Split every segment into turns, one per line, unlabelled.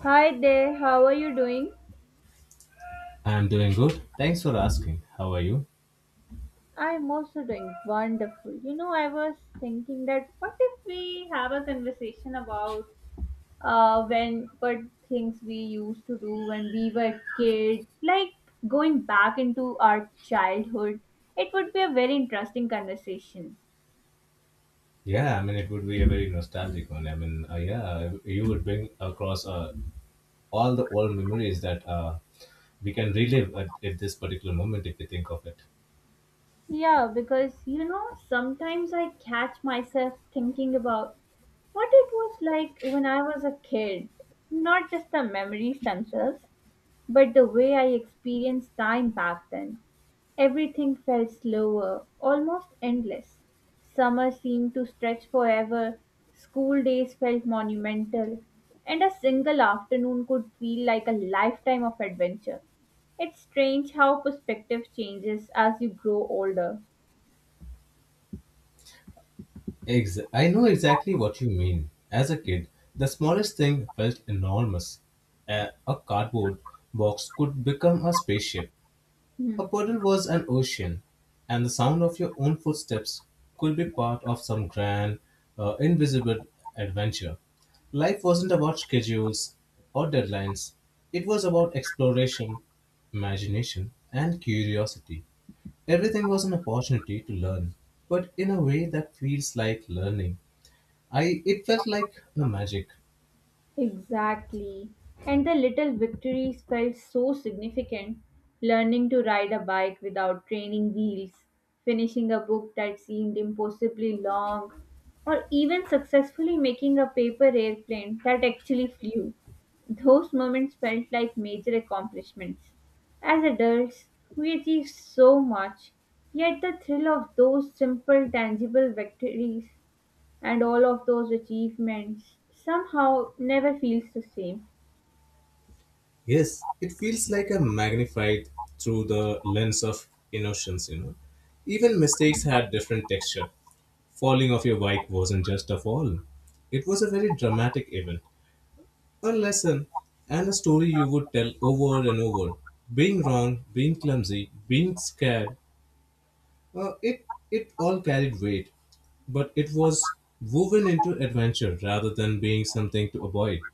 Hi there, how are you doing?
I'm doing good. Thanks for asking. How are you?
I'm also doing wonderful. You know, I was thinking that what if we have a conversation about when what things we used to do when we were kids, like going back into our childhood. It would be a very interesting conversation.
Yeah, it would be a very nostalgic one. Yeah, you would bring across all the old memories that we can relive at this particular moment if you think of it.
Yeah, because you know, sometimes I catch myself thinking about what it was like when I was a kid. Not just the memories themselves, but the way I experienced time back then. Everything felt slower, almost endless. Summer seemed to stretch forever, school days felt monumental, and a single afternoon could feel like a lifetime of adventure. It's strange how perspective changes as you grow older.
I know exactly what you mean. As a kid, the smallest thing felt enormous. A cardboard box could become a spaceship.
Hmm.
A puddle was an ocean, and the sound of your own footsteps could be part of some grand, invisible adventure. Life wasn't about schedules or deadlines, it was about exploration, imagination, and curiosity. Everything was an opportunity to learn, but in a way that feels like learning. It felt like a magic.
Exactly. And the little victories felt so significant. Learning to ride a bike without training wheels, finishing a book that seemed impossibly long, or even successfully making a paper airplane that actually flew. Those moments felt like major accomplishments. As adults, we achieve so much, yet the thrill of those simple, tangible victories and all of those achievements somehow never feels the same.
Yes, it feels like a magnified through the lens of innocence, you know. Even mistakes had different texture. Falling off your bike wasn't just a fall. It was a very dramatic event, a lesson, and a story you would tell over and over. Being wrong, being clumsy, being scared, it all carried weight. But it was woven into adventure rather than being something to avoid.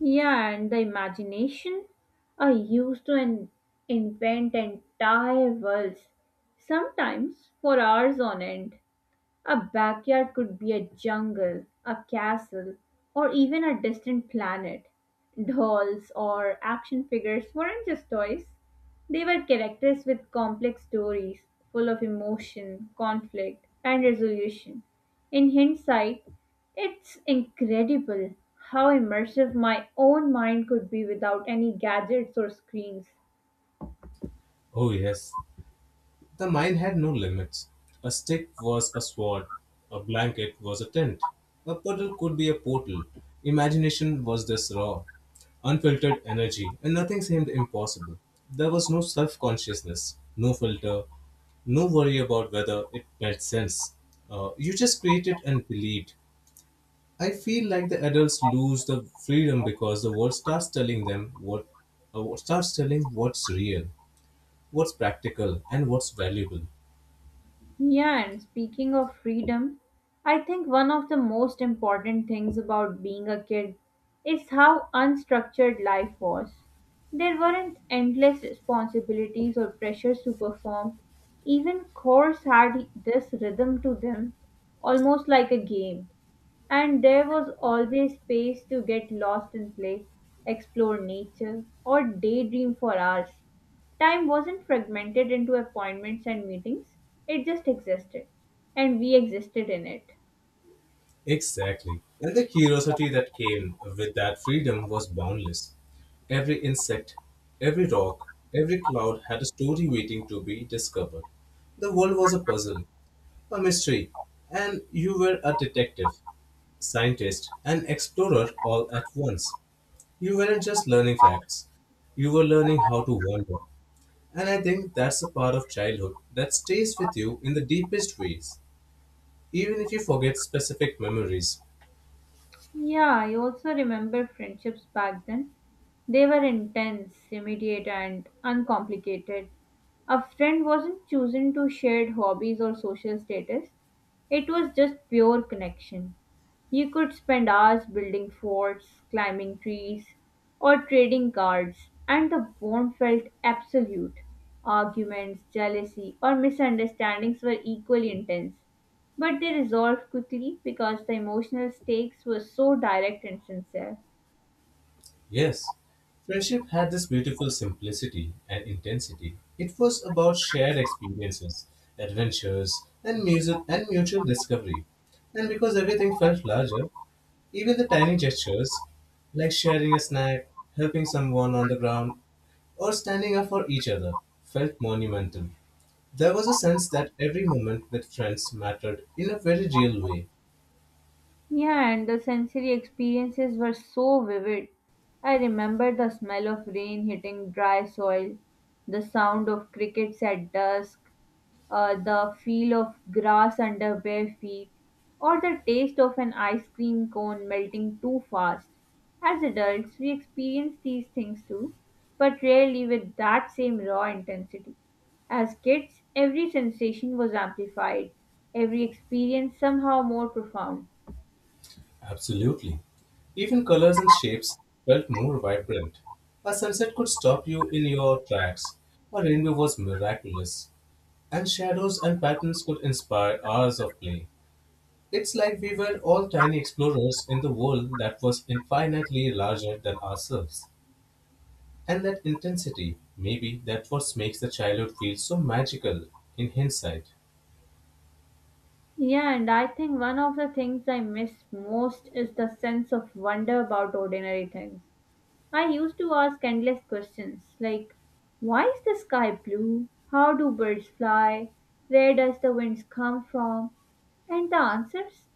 Yeah, and the imagination. I used to invent entire worlds, sometimes for hours on end. A backyard could be a jungle, a castle, or even a distant planet. Dolls or action figures weren't just toys, they were characters with complex stories, full of emotion, conflict, and resolution. In hindsight, it's incredible how immersive my own mind could be without any gadgets or screens.
Oh, yes, the mine had no limits. A stick was a sword, a blanket was a tent, a puddle could be a portal. Imagination was this raw, unfiltered energy, and nothing seemed impossible. There was no self consciousness, no filter, no worry about whether it made sense. You just created and believed. I feel like the adults lose the freedom because the world starts telling them what starts telling what's real, what's practical, and what's valuable.
Yeah, and speaking of freedom, I think one of the most important things about being a kid is how unstructured life was. There weren't endless responsibilities or pressures to perform. Even chores had this rhythm to them, almost like a game. And there was always space to get lost in play, explore nature, or daydream for hours. Time wasn't fragmented into appointments and meetings, it just existed, and we existed in it.
Exactly. And the curiosity that came with that freedom was boundless. Every insect, every rock, every cloud had a story waiting to be discovered. The world was a puzzle, a mystery, and you were a detective, scientist, and explorer all at once. You weren't just learning facts, you were learning how to wander. And I think that's a part of childhood that stays with you in the deepest ways, even if you forget specific memories.
Yeah, I also remember friendships back then. They were intense, immediate, and uncomplicated. A friend wasn't chosen to shared hobbies or social status, it was just pure connection. You could spend hours building forts, climbing trees, or trading cards, and the bond felt absolute. Arguments, jealousy, or misunderstandings were equally intense but they resolved quickly because the emotional stakes were so direct and sincere.
Yes, friendship had this beautiful simplicity and intensity. It was about shared experiences, adventures, and music and mutual discovery. And because everything felt larger, even the tiny gestures, like sharing a snack, helping someone on the ground, or standing up for each other, felt monumental. There was a sense that every moment with friends mattered in a very real way.
Yeah, and the sensory experiences were so vivid. I remember the smell of rain hitting dry soil, the sound of crickets at dusk, the feel of grass under bare feet, or the taste of an ice cream cone melting too fast. As adults, we experience these things too, but rarely with that same raw intensity. As kids, every sensation was amplified, every experience somehow more profound.
Absolutely. Even colors and shapes felt more vibrant. A sunset could stop you in your tracks. A rainbow was miraculous. And shadows and patterns could inspire hours of play. It's like we were all tiny explorers in the world that was infinitely larger than ourselves. And that intensity, maybe that what makes the childhood feel so magical in hindsight.
Yeah, and I think one of the things I miss most is the sense of wonder about ordinary things. I used to ask endless questions like why is the sky blue? How do birds fly? Where does the wind come from? And the answers,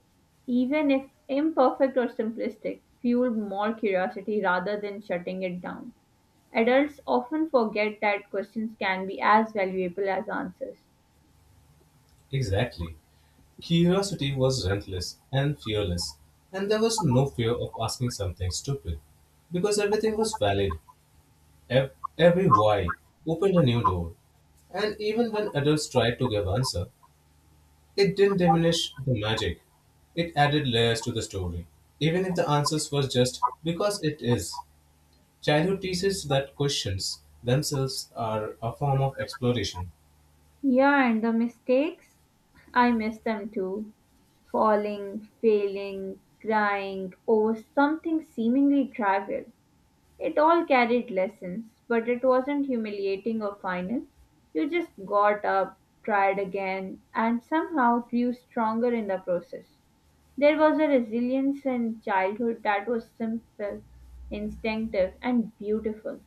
even if imperfect or simplistic, fueled more curiosity rather than shutting it down. Adults often forget that questions can be as valuable as answers.
Exactly. Curiosity was relentless and fearless, and there was no fear of asking something stupid because everything was valid. Ev- Every why opened a new door, and even when adults tried to give answer, it didn't diminish the magic. It added layers to the story, even if the answers was just because it is. Childhood teaches that questions themselves are a form of exploration.
Yeah, and the mistakes? I miss them too. Falling, failing, crying over something seemingly trivial. It all carried lessons, but it wasn't humiliating or final. You just got up, tried again, and somehow grew stronger in the process. There was a resilience in childhood that was simple, instinctive, and beautiful.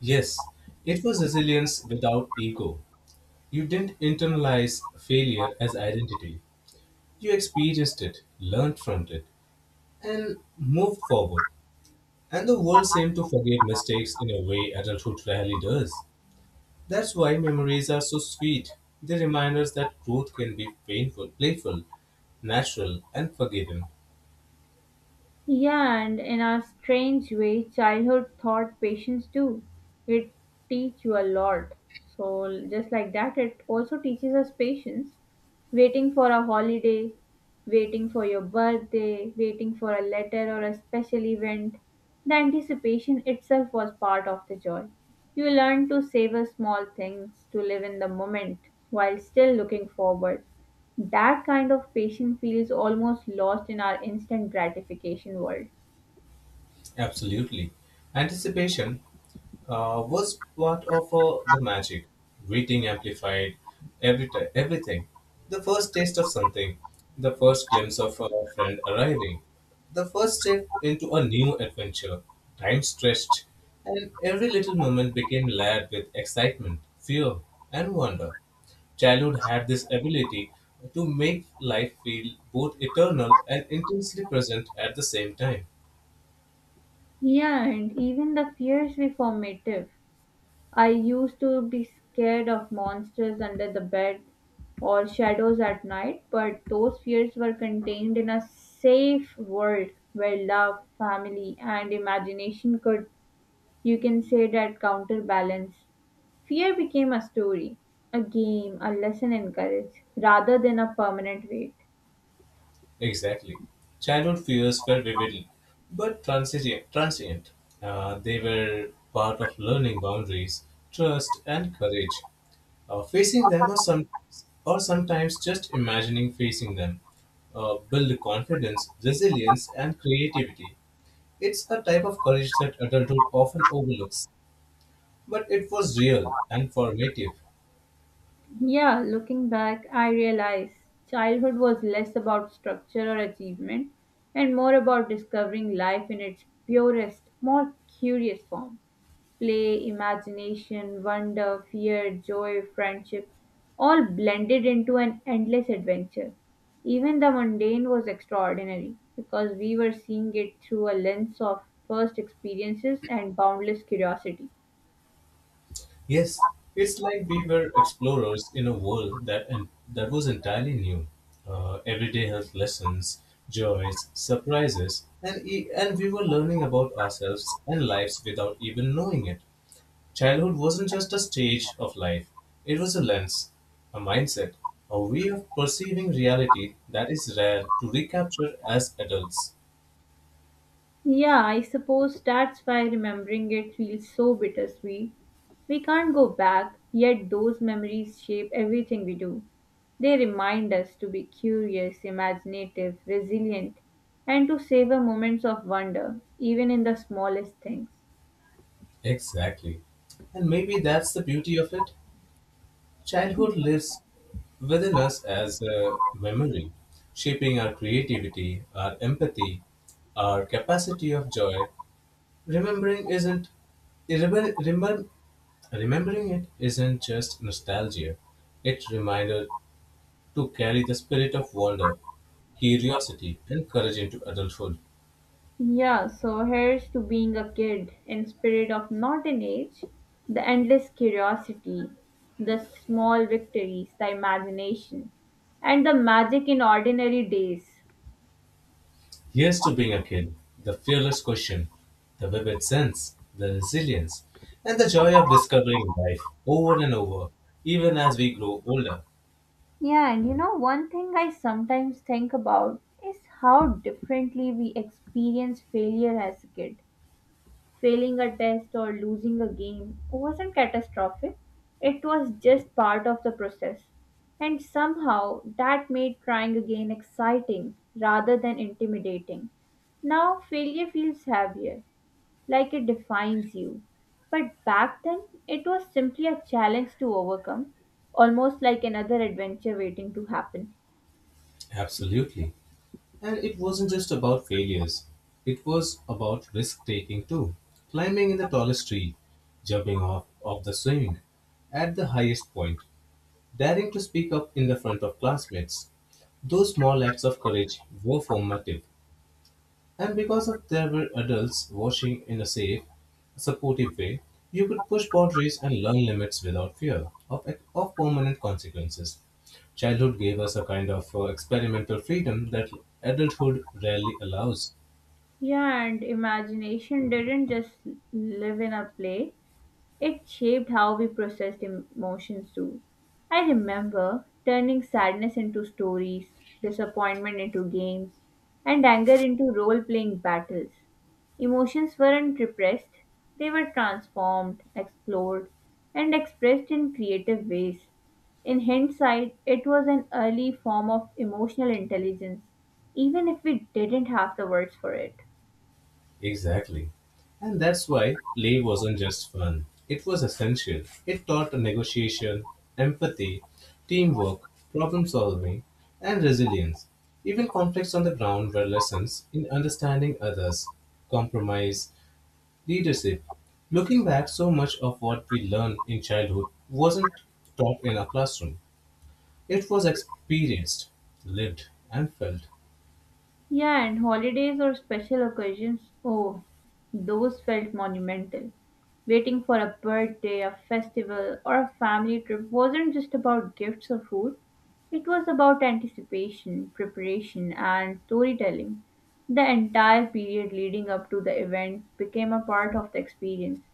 Yes, it was resilience without ego. You didn't internalize failure as identity. You experienced it, learned from it, and moved forward. And the world seemed to forget mistakes in a way adulthood rarely does. That's why memories are so sweet. They remind us that growth can be painful, playful, natural, and forgiving.
Yeah, and in a strange way, childhood taught patience too. It teach you a lot. So just like that, it also teaches us patience. Waiting for a holiday, waiting for your birthday, waiting for a letter or a special event. The anticipation itself was part of the joy. You learn to savor small things, to live in the moment while still looking forward. That kind of patience feels almost lost in our instant gratification world.
Absolutely. Anticipation was part of the magic. Reading amplified everything. The first taste of something, the first glimpse of a friend arriving, the first step into a new adventure. Time stretched, and every little moment became layered with excitement, fear, and wonder. Childhood had this ability to make life feel both eternal and intensely present at the same time.
Yeah, and even the fears were formative. I used to be scared of monsters under the bed or shadows at night, but those fears were contained in a safe world where love, family, and imagination could, you can say that, counterbalance. Fear became a story, a game, a lesson in courage, rather than a permanent weight.
Exactly. Childhood fears were vivid but transient. They were part of learning boundaries, trust, and courage. Facing them or sometimes just imagining facing them build confidence, resilience, and creativity. It's a type of courage that adulthood often overlooks, but it was real and formative.
Yeah, looking back, I realize childhood was less about structure or achievement and more about discovering life in its purest, more curious form. Play, imagination, wonder, fear, joy, friendship, all blended into an endless adventure. Even the mundane was extraordinary because we were seeing it through a lens of first experiences and boundless curiosity.
Yes, it's like we were explorers in a world that and that was entirely new. Everyday health lessons, joys, surprises, and we were learning about ourselves and lives without even knowing it. Childhood wasn't just a stage of life; it was a lens, a mindset, a way of perceiving reality that is rare to recapture as adults.
Yeah, I suppose that's why remembering it feels so bittersweet. We can't go back, yet those memories shape everything we do. They remind us to be curious, imaginative, resilient, and to savor moments of wonder, even in the smallest things.
Exactly. And maybe that's the beauty of it. Childhood lives within us as a memory, shaping our creativity, our empathy, our capacity of joy. Remembering isn't remember, remember- remembering it isn't just nostalgia. It's reminder to carry the spirit of wonder, curiosity, and courage into adulthood.
Yeah, so here's to being a kid in spirit of not an age, the endless curiosity, the small victories, the imagination, and the magic in ordinary days.
Here's to being a kid, the fearless question, the vivid sense, the resilience, and the joy of discovering life over and over, even as we grow older.
Yeah, and you know, one thing I sometimes think about is how differently we experience failure as a kid. Failing a test or losing a game wasn't catastrophic, it was just part of the process. And somehow that made trying again exciting rather than intimidating. Now failure feels heavier, like it defines you. But back then, it was simply a challenge to overcome, almost like another adventure waiting to happen.
Absolutely. And it wasn't just about failures, it was about risk taking too. Climbing in the tallest tree, jumping off of the swing at the highest point, daring to speak up in the front of classmates. Those small acts of courage were formative. And because of there were adults watching in a safe, supportive way, you could push boundaries and learn limits without fear of permanent consequences. Childhood gave us a kind of experimental freedom that adulthood rarely allows.
Yeah, and imagination didn't just live in a play, it shaped how we processed emotions too. I remember turning sadness into stories, disappointment into games, and anger into role playing battles. Emotions weren't repressed, they were transformed, explored, and expressed in creative ways. In hindsight, it was an early form of emotional intelligence, even if we didn't have the words for it.
Exactly. And that's why play wasn't just fun. It was essential. It taught negotiation, empathy, teamwork, problem solving, and resilience. Even conflicts on the ground were lessons in understanding others, compromise, leadership. Looking back, so much of what we learned in childhood wasn't taught in a classroom. It was experienced, lived, and felt.
Yeah, and holidays or special occasions, oh, those felt monumental. Waiting for a birthday, a festival, or a family trip wasn't just about gifts or food, it was about anticipation, preparation, and storytelling. The entire period leading up to the event became a part of the experience.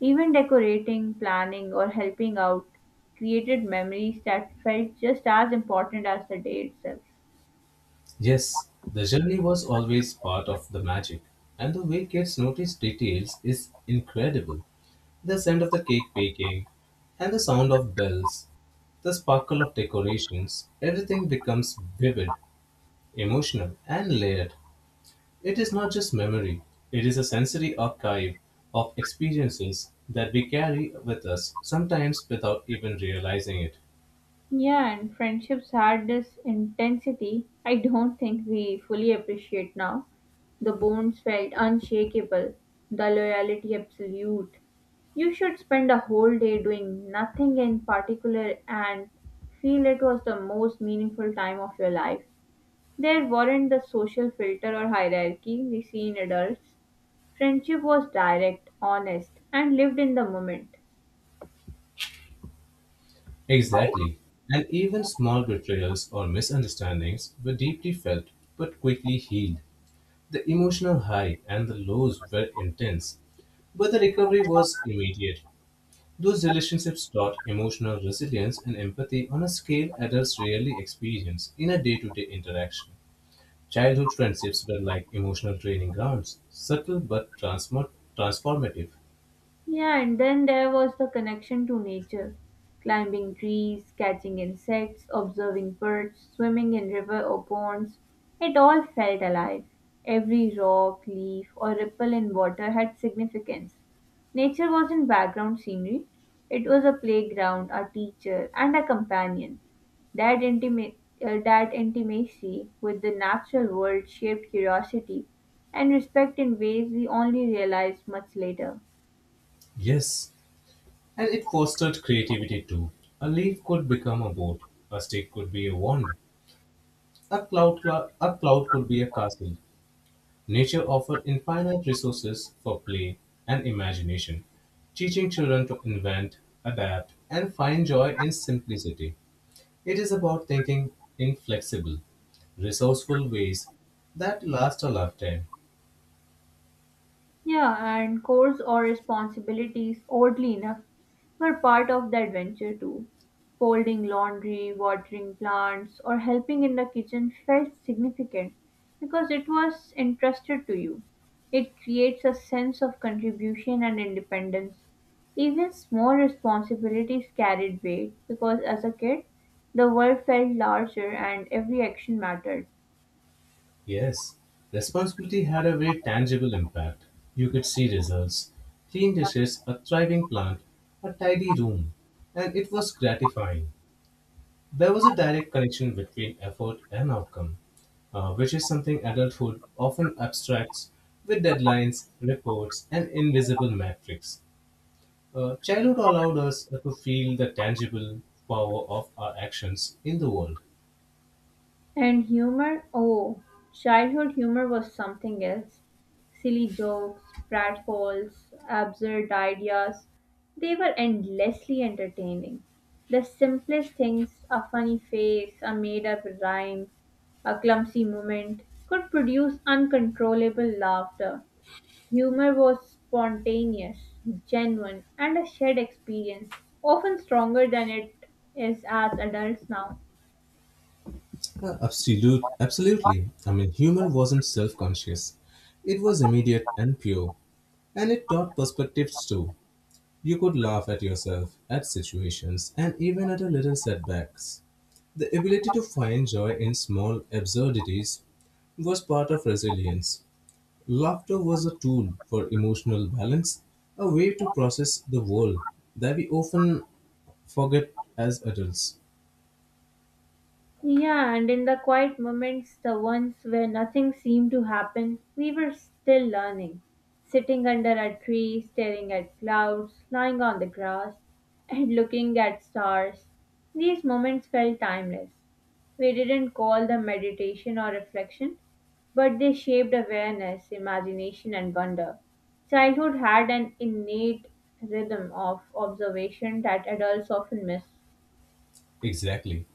Even decorating, planning, or helping out created memories that felt just as important as the day itself.
Yes, the journey was always part of the magic, and the way kids notice details is incredible. The scent of the cake baking, and the sound of bells, the sparkle of decorations, everything becomes vivid, emotional, and layered. It is not just memory, it is a sensory archive of experiences that we carry with us, sometimes without even realizing it.
Yeah, and friendships had this intensity I don't think we fully appreciate now. The bonds felt unshakable, the loyalty absolute. You should spend a whole day doing nothing in particular and feel it was the most meaningful time of your life. There weren't the social filter or hierarchy we see in adults. Friendship was direct, honest, and lived in the moment.
Exactly. And even small betrayals or misunderstandings were deeply felt but quickly healed. The emotional high and the lows were intense, but the recovery was immediate. Those relationships taught emotional resilience and empathy on a scale adults rarely experience in a day to day interaction. Childhood friendships were like emotional training grounds, subtle but transformative.
Yeah, and then there was the connection to nature. Climbing trees, catching insects, observing birds, swimming in river or ponds. It all felt alive. Every rock, leaf, or ripple in water had significance. Nature wasn't background scenery, it was a playground, a teacher, and a companion. That, intima- that intimacy with the natural world shaped curiosity and respect in ways we only realized much later.
Yes, and it fostered creativity too. A leaf could become a boat, a stick could be a wand, a cloud could be a castle. Nature offered infinite resources for play and imagination, teaching children to invent, adapt, and find joy in simplicity. It is about thinking in flexible, resourceful ways that last a lifetime.
Yeah, and chores or responsibilities, oddly enough, were part of the adventure too. Folding laundry, watering plants, or helping in the kitchen felt significant because it was entrusted to you. It creates a sense of contribution and independence. Even small responsibilities carried weight because as a kid, the world felt larger and every action mattered.
Yes, responsibility had a very tangible impact. You could see results clean dishes, a thriving plant, a tidy room, and it was gratifying. There was a direct connection between effort and outcome, which is something adulthood often abstracts with deadlines, reports, and invisible metrics. Childhood allowed us to feel the tangible power of our actions in the world.
And humor? Oh, childhood humor was something else. Silly jokes, pratfalls, absurd ideas. They were endlessly entertaining. The simplest things, a funny face, a made up rhyme, a clumsy moment, could produce uncontrollable laughter. Humor was spontaneous, genuine, and a shared experience, often stronger than it is as adults now.
Absolutely. Humor wasn't self conscious, it was immediate and pure, and it taught perspectives too. You could laugh at yourself, at situations, and even at a little setbacks. The ability to find joy in small absurdities was part of resilience. Laughter was a tool for emotional balance, a way to process the world that we often forget as adults.
Yeah, and in the quiet moments, the ones where nothing seemed to happen, we were still learning. Sitting under a tree, staring at clouds, lying on the grass, and looking at stars. These moments felt timeless. We didn't call them meditation or reflection, but they shaped awareness, imagination, and wonder. Childhood had an innate rhythm of observation that adults often miss.
Exactly.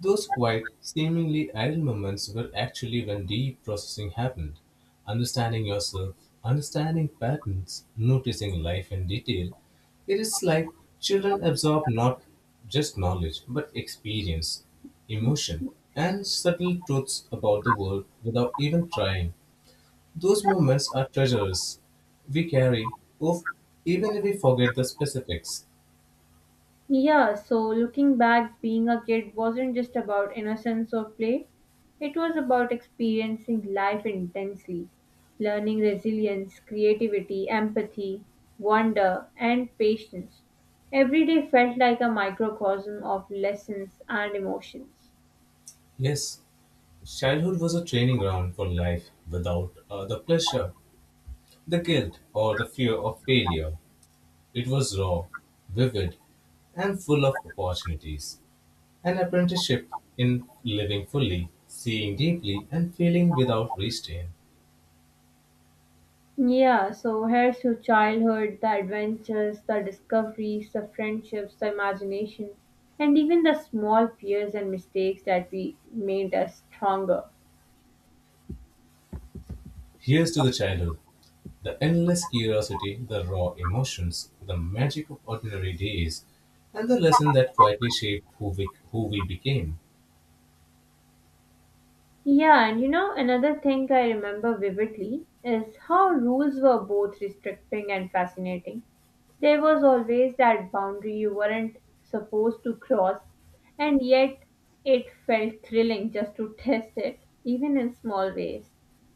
Those quiet, seemingly idle moments were actually when deep processing happened. Understanding yourself, understanding patterns, noticing life in detail. It is like children absorb not just knowledge, but experience, emotion, and subtle truths about the world without even trying. Those moments are treasures we carry, of, even if we forget the specifics.
Yeah, so looking back, being a kid wasn't just about innocence or play, it was about experiencing life intensely, learning resilience, creativity, empathy, wonder, and patience. Every day felt like a microcosm of lessons and emotions.
Yes, childhood was a training ground for life without the pleasure, the guilt, or the fear of failure. It was raw, vivid, and full of opportunities. An apprenticeship in living fully, seeing deeply, and feeling without restraint.
Yeah, so here's to childhood, the adventures, the discoveries, the friendships, the imagination, and even the small fears and mistakes that we made us stronger.
Here's to the childhood the endless curiosity, the raw emotions, the magic of ordinary days, and the lesson that quietly shaped who we became.
Yeah, and you know, another thing I remember vividly is how rules were both restricting and fascinating. There was always that boundary you weren't supposed to cross, and yet it felt thrilling just to test it, even in small ways.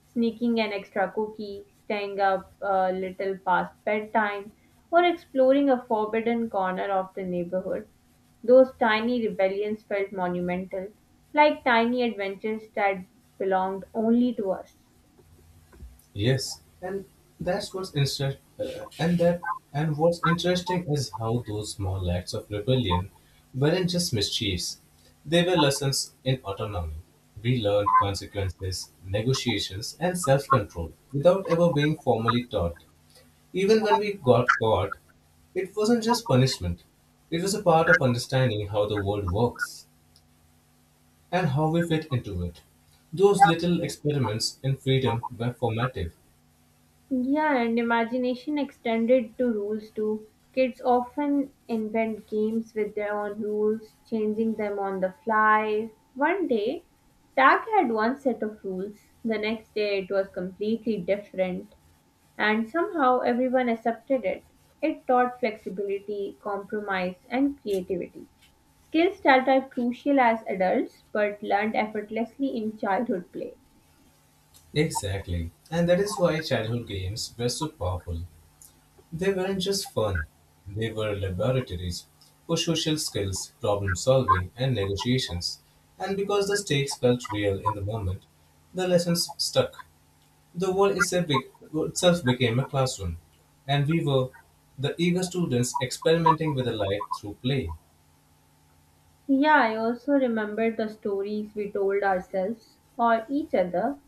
Sneaking an extra cookie, staying up a little past bedtime, or exploring a forbidden corner of the neighborhood. Those tiny rebellions felt monumental, like tiny adventures that belonged only to us.
Yes, and that's what's inter- and that and what's interesting is how those small acts of rebellion weren't just mischiefs. They were lessons in autonomy. We learned consequences, negotiations, and self-control without ever being formally taught. Even when we got caught, it wasn't just punishment. It was a part of understanding how the world works and how we fit into it. Those little experiments in freedom were formative.
Yeah, and imagination extended to rules too. Kids often invent games with their own rules, changing them on the fly. One day, tag had one set of rules, the next day, it was completely different. And somehow everyone accepted it. It taught flexibility, compromise, and creativity. Skills that are crucial as adults but learned effortlessly in childhood play.
Exactly. And that is why childhood games were so powerful. They weren't just fun, they were laboratories for social skills, problem solving, and negotiations. And because the stakes felt real in the moment, the lessons stuck. The world itself be- Itself became a classroom, and we were the eager students experimenting with a life through play.
Yeah, I also remember the stories we told ourselves or each other,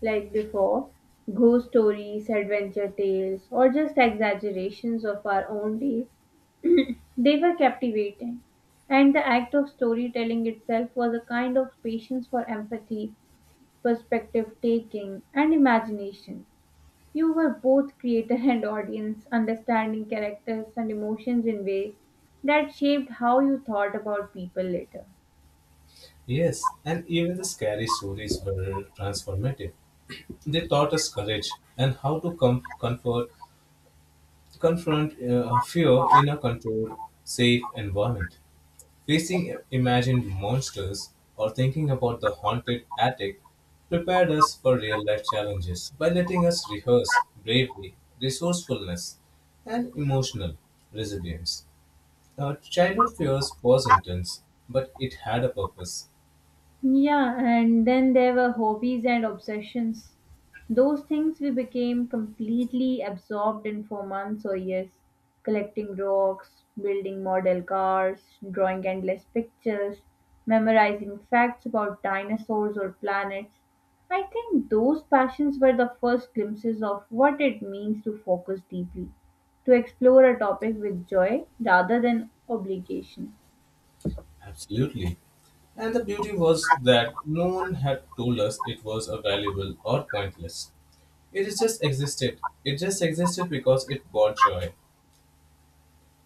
like before ghost stories, adventure tales, or just exaggerations of our own days. They were captivating, and the act of storytelling itself was a kind of patience for empathy perspective taking, and imagination. You were both creator and audience, understanding characters and emotions in ways that shaped how you thought about people later.
Yes, and even the scary stories were transformative. They taught us courage and how to com- comfort confront fear in a controlled, safe environment. Facing imagined monsters or thinking about the haunted attic prepared us for real life challenges by letting us rehearse bravery, resourcefulness, and emotional resilience. Our childhood fears was intense, but it had a purpose.
Yeah, and then there were hobbies and obsessions. Those things we became completely absorbed in for months or years. Collecting rocks, building model cars, drawing endless pictures, memorizing facts about dinosaurs or planets. I think those passions were the first glimpses of what it means to focus deeply, to explore a topic with joy rather than obligation.
Absolutely. And the beauty was that no one had told us it was a valuable or pointless. It is just existed. It just existed because it brought joy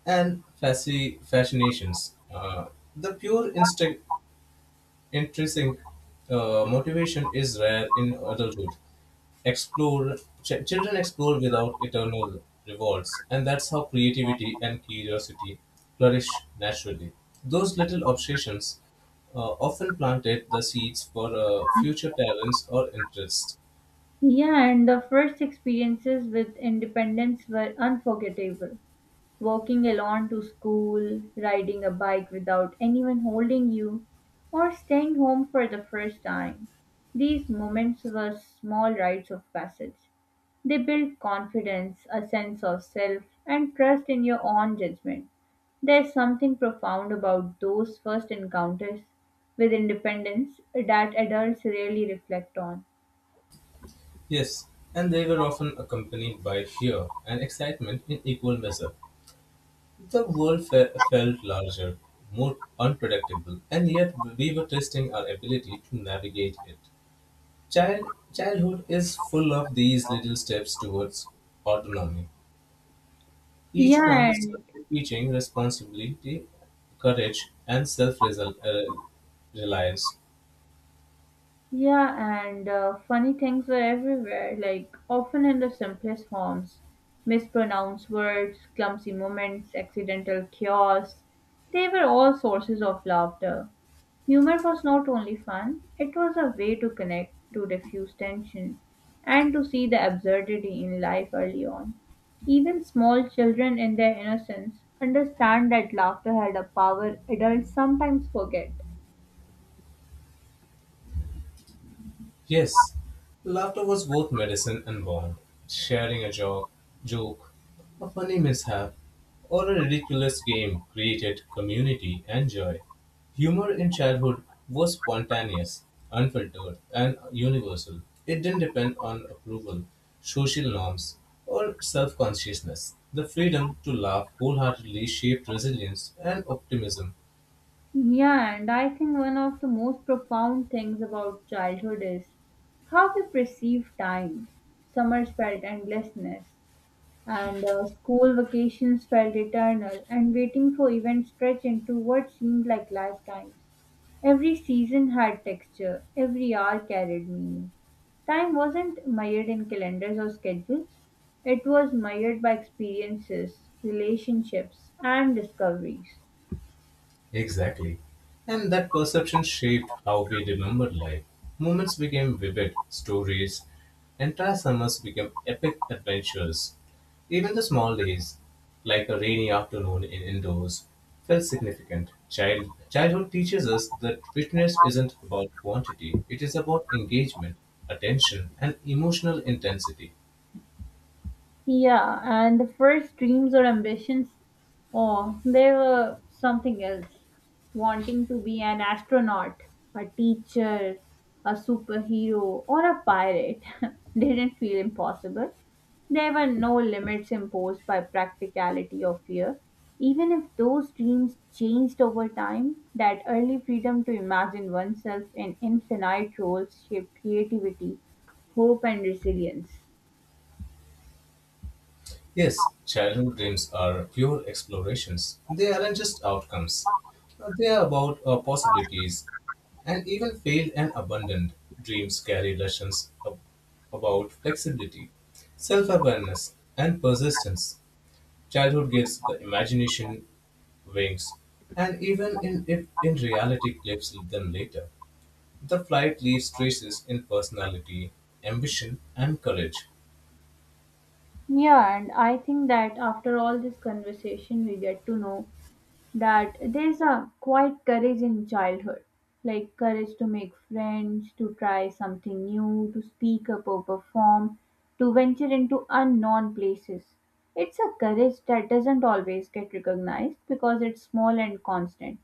and fascinations. The pure instinct intrinsic motivation is rare in adulthood. Explore Children explore without eternal rewards, and that's how creativity and curiosity flourish naturally. Those little obsessions uh, often planted the seeds for future talents or interests.
Yeah, and the first experiences with independence were unforgettable. Walking alone to school, riding a bike without anyone holding you, or staying home for the first time. These moments were small rites of passage. They build confidence, a sense of self, and trust in your own judgment. There's something profound about those first encounters with independence that adults rarely reflect on.
Yes, and they were often accompanied by fear and excitement in equal measure. The world felt larger, more unpredictable, and yet we were testing our ability to navigate it. Childhood is full of these little steps towards autonomy, each one
Yeah, and
teaching responsibility, courage, and self reliance.
Yeah, and funny things were everywhere, like often in the simplest forms. Mispronounced words, clumsy moments, accidental chaos. They were all sources of laughter. Humor was not only fun, it was a way to connect, to diffuse tension, and to see the absurdity in life early on. Even small children, in their innocence, understand that laughter had a power adults sometimes forget.
Yes, laughter was both medicine and bond. Sharing a joke, a funny mishap, or a ridiculous game created community and joy. Humor in childhood was spontaneous, unfiltered, and universal. It didn't depend on approval, social norms, or self consciousness. The freedom to laugh wholeheartedly shaped resilience and optimism.
Yeah, and I think one of the most profound things about childhood is how we perceive time. Summers felt endlessness, and school vacations felt eternal, and waiting for events stretched into what seemed like lifetimes. Every season had texture, every hour carried meaning. Time wasn't mired in calendars or schedules, it was mired by experiences, relationships, and discoveries.
Exactly. And that perception shaped how we remembered life. Moments became vivid stories, entire summers became epic adventures. Even the small days, like a rainy afternoon in indoors, felt significant. Childhood teaches us that fitness isn't about quantity, it is about engagement, attention, and emotional intensity.
Yeah, and the first dreams or ambitions, oh, they were something else. Wanting to be an astronaut, a teacher, a superhero, or a pirate didn't feel impossible. There were no limits imposed by practicality or fear. Even if those dreams changed over time, that early freedom to imagine oneself in infinite roles shaped creativity, hope, and resilience.
Yes, childhood dreams are pure explorations. They aren't just outcomes. They are about possibilities. And even failed and abandoned dreams carry lessons about flexibility, self awareness, and persistence. Childhood gives the imagination wings, and even in, if in reality clips them later. The flight leaves traces in personality, ambition, and courage.
Yeah, and I think that after all this conversation, we get to know that there's a quiet courage in childhood, like courage to make friends, to try something new, to speak up or perform, to venture into unknown places. It's a courage that doesn't always get recognized because it's small and constant,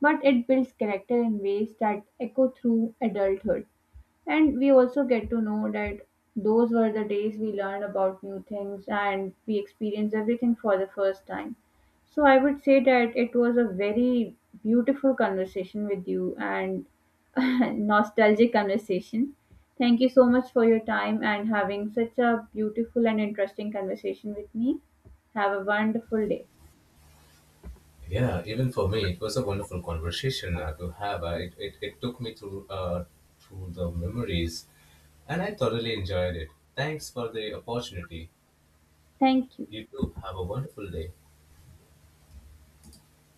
but it builds character in ways that echo through adulthood. And we also get to know that those were the days we learned about new things and we experienced everything for the first time. So I would say that it was a very beautiful conversation with you and nostalgic conversation. Thank you so much for your time and having such a beautiful and interesting conversation with me. Have a wonderful day.
Yeah, even for me, it was a wonderful conversation to have. It took me through through the memories, and I thoroughly enjoyed it. Thanks for the opportunity.
Thank you.
You too. Have a wonderful day.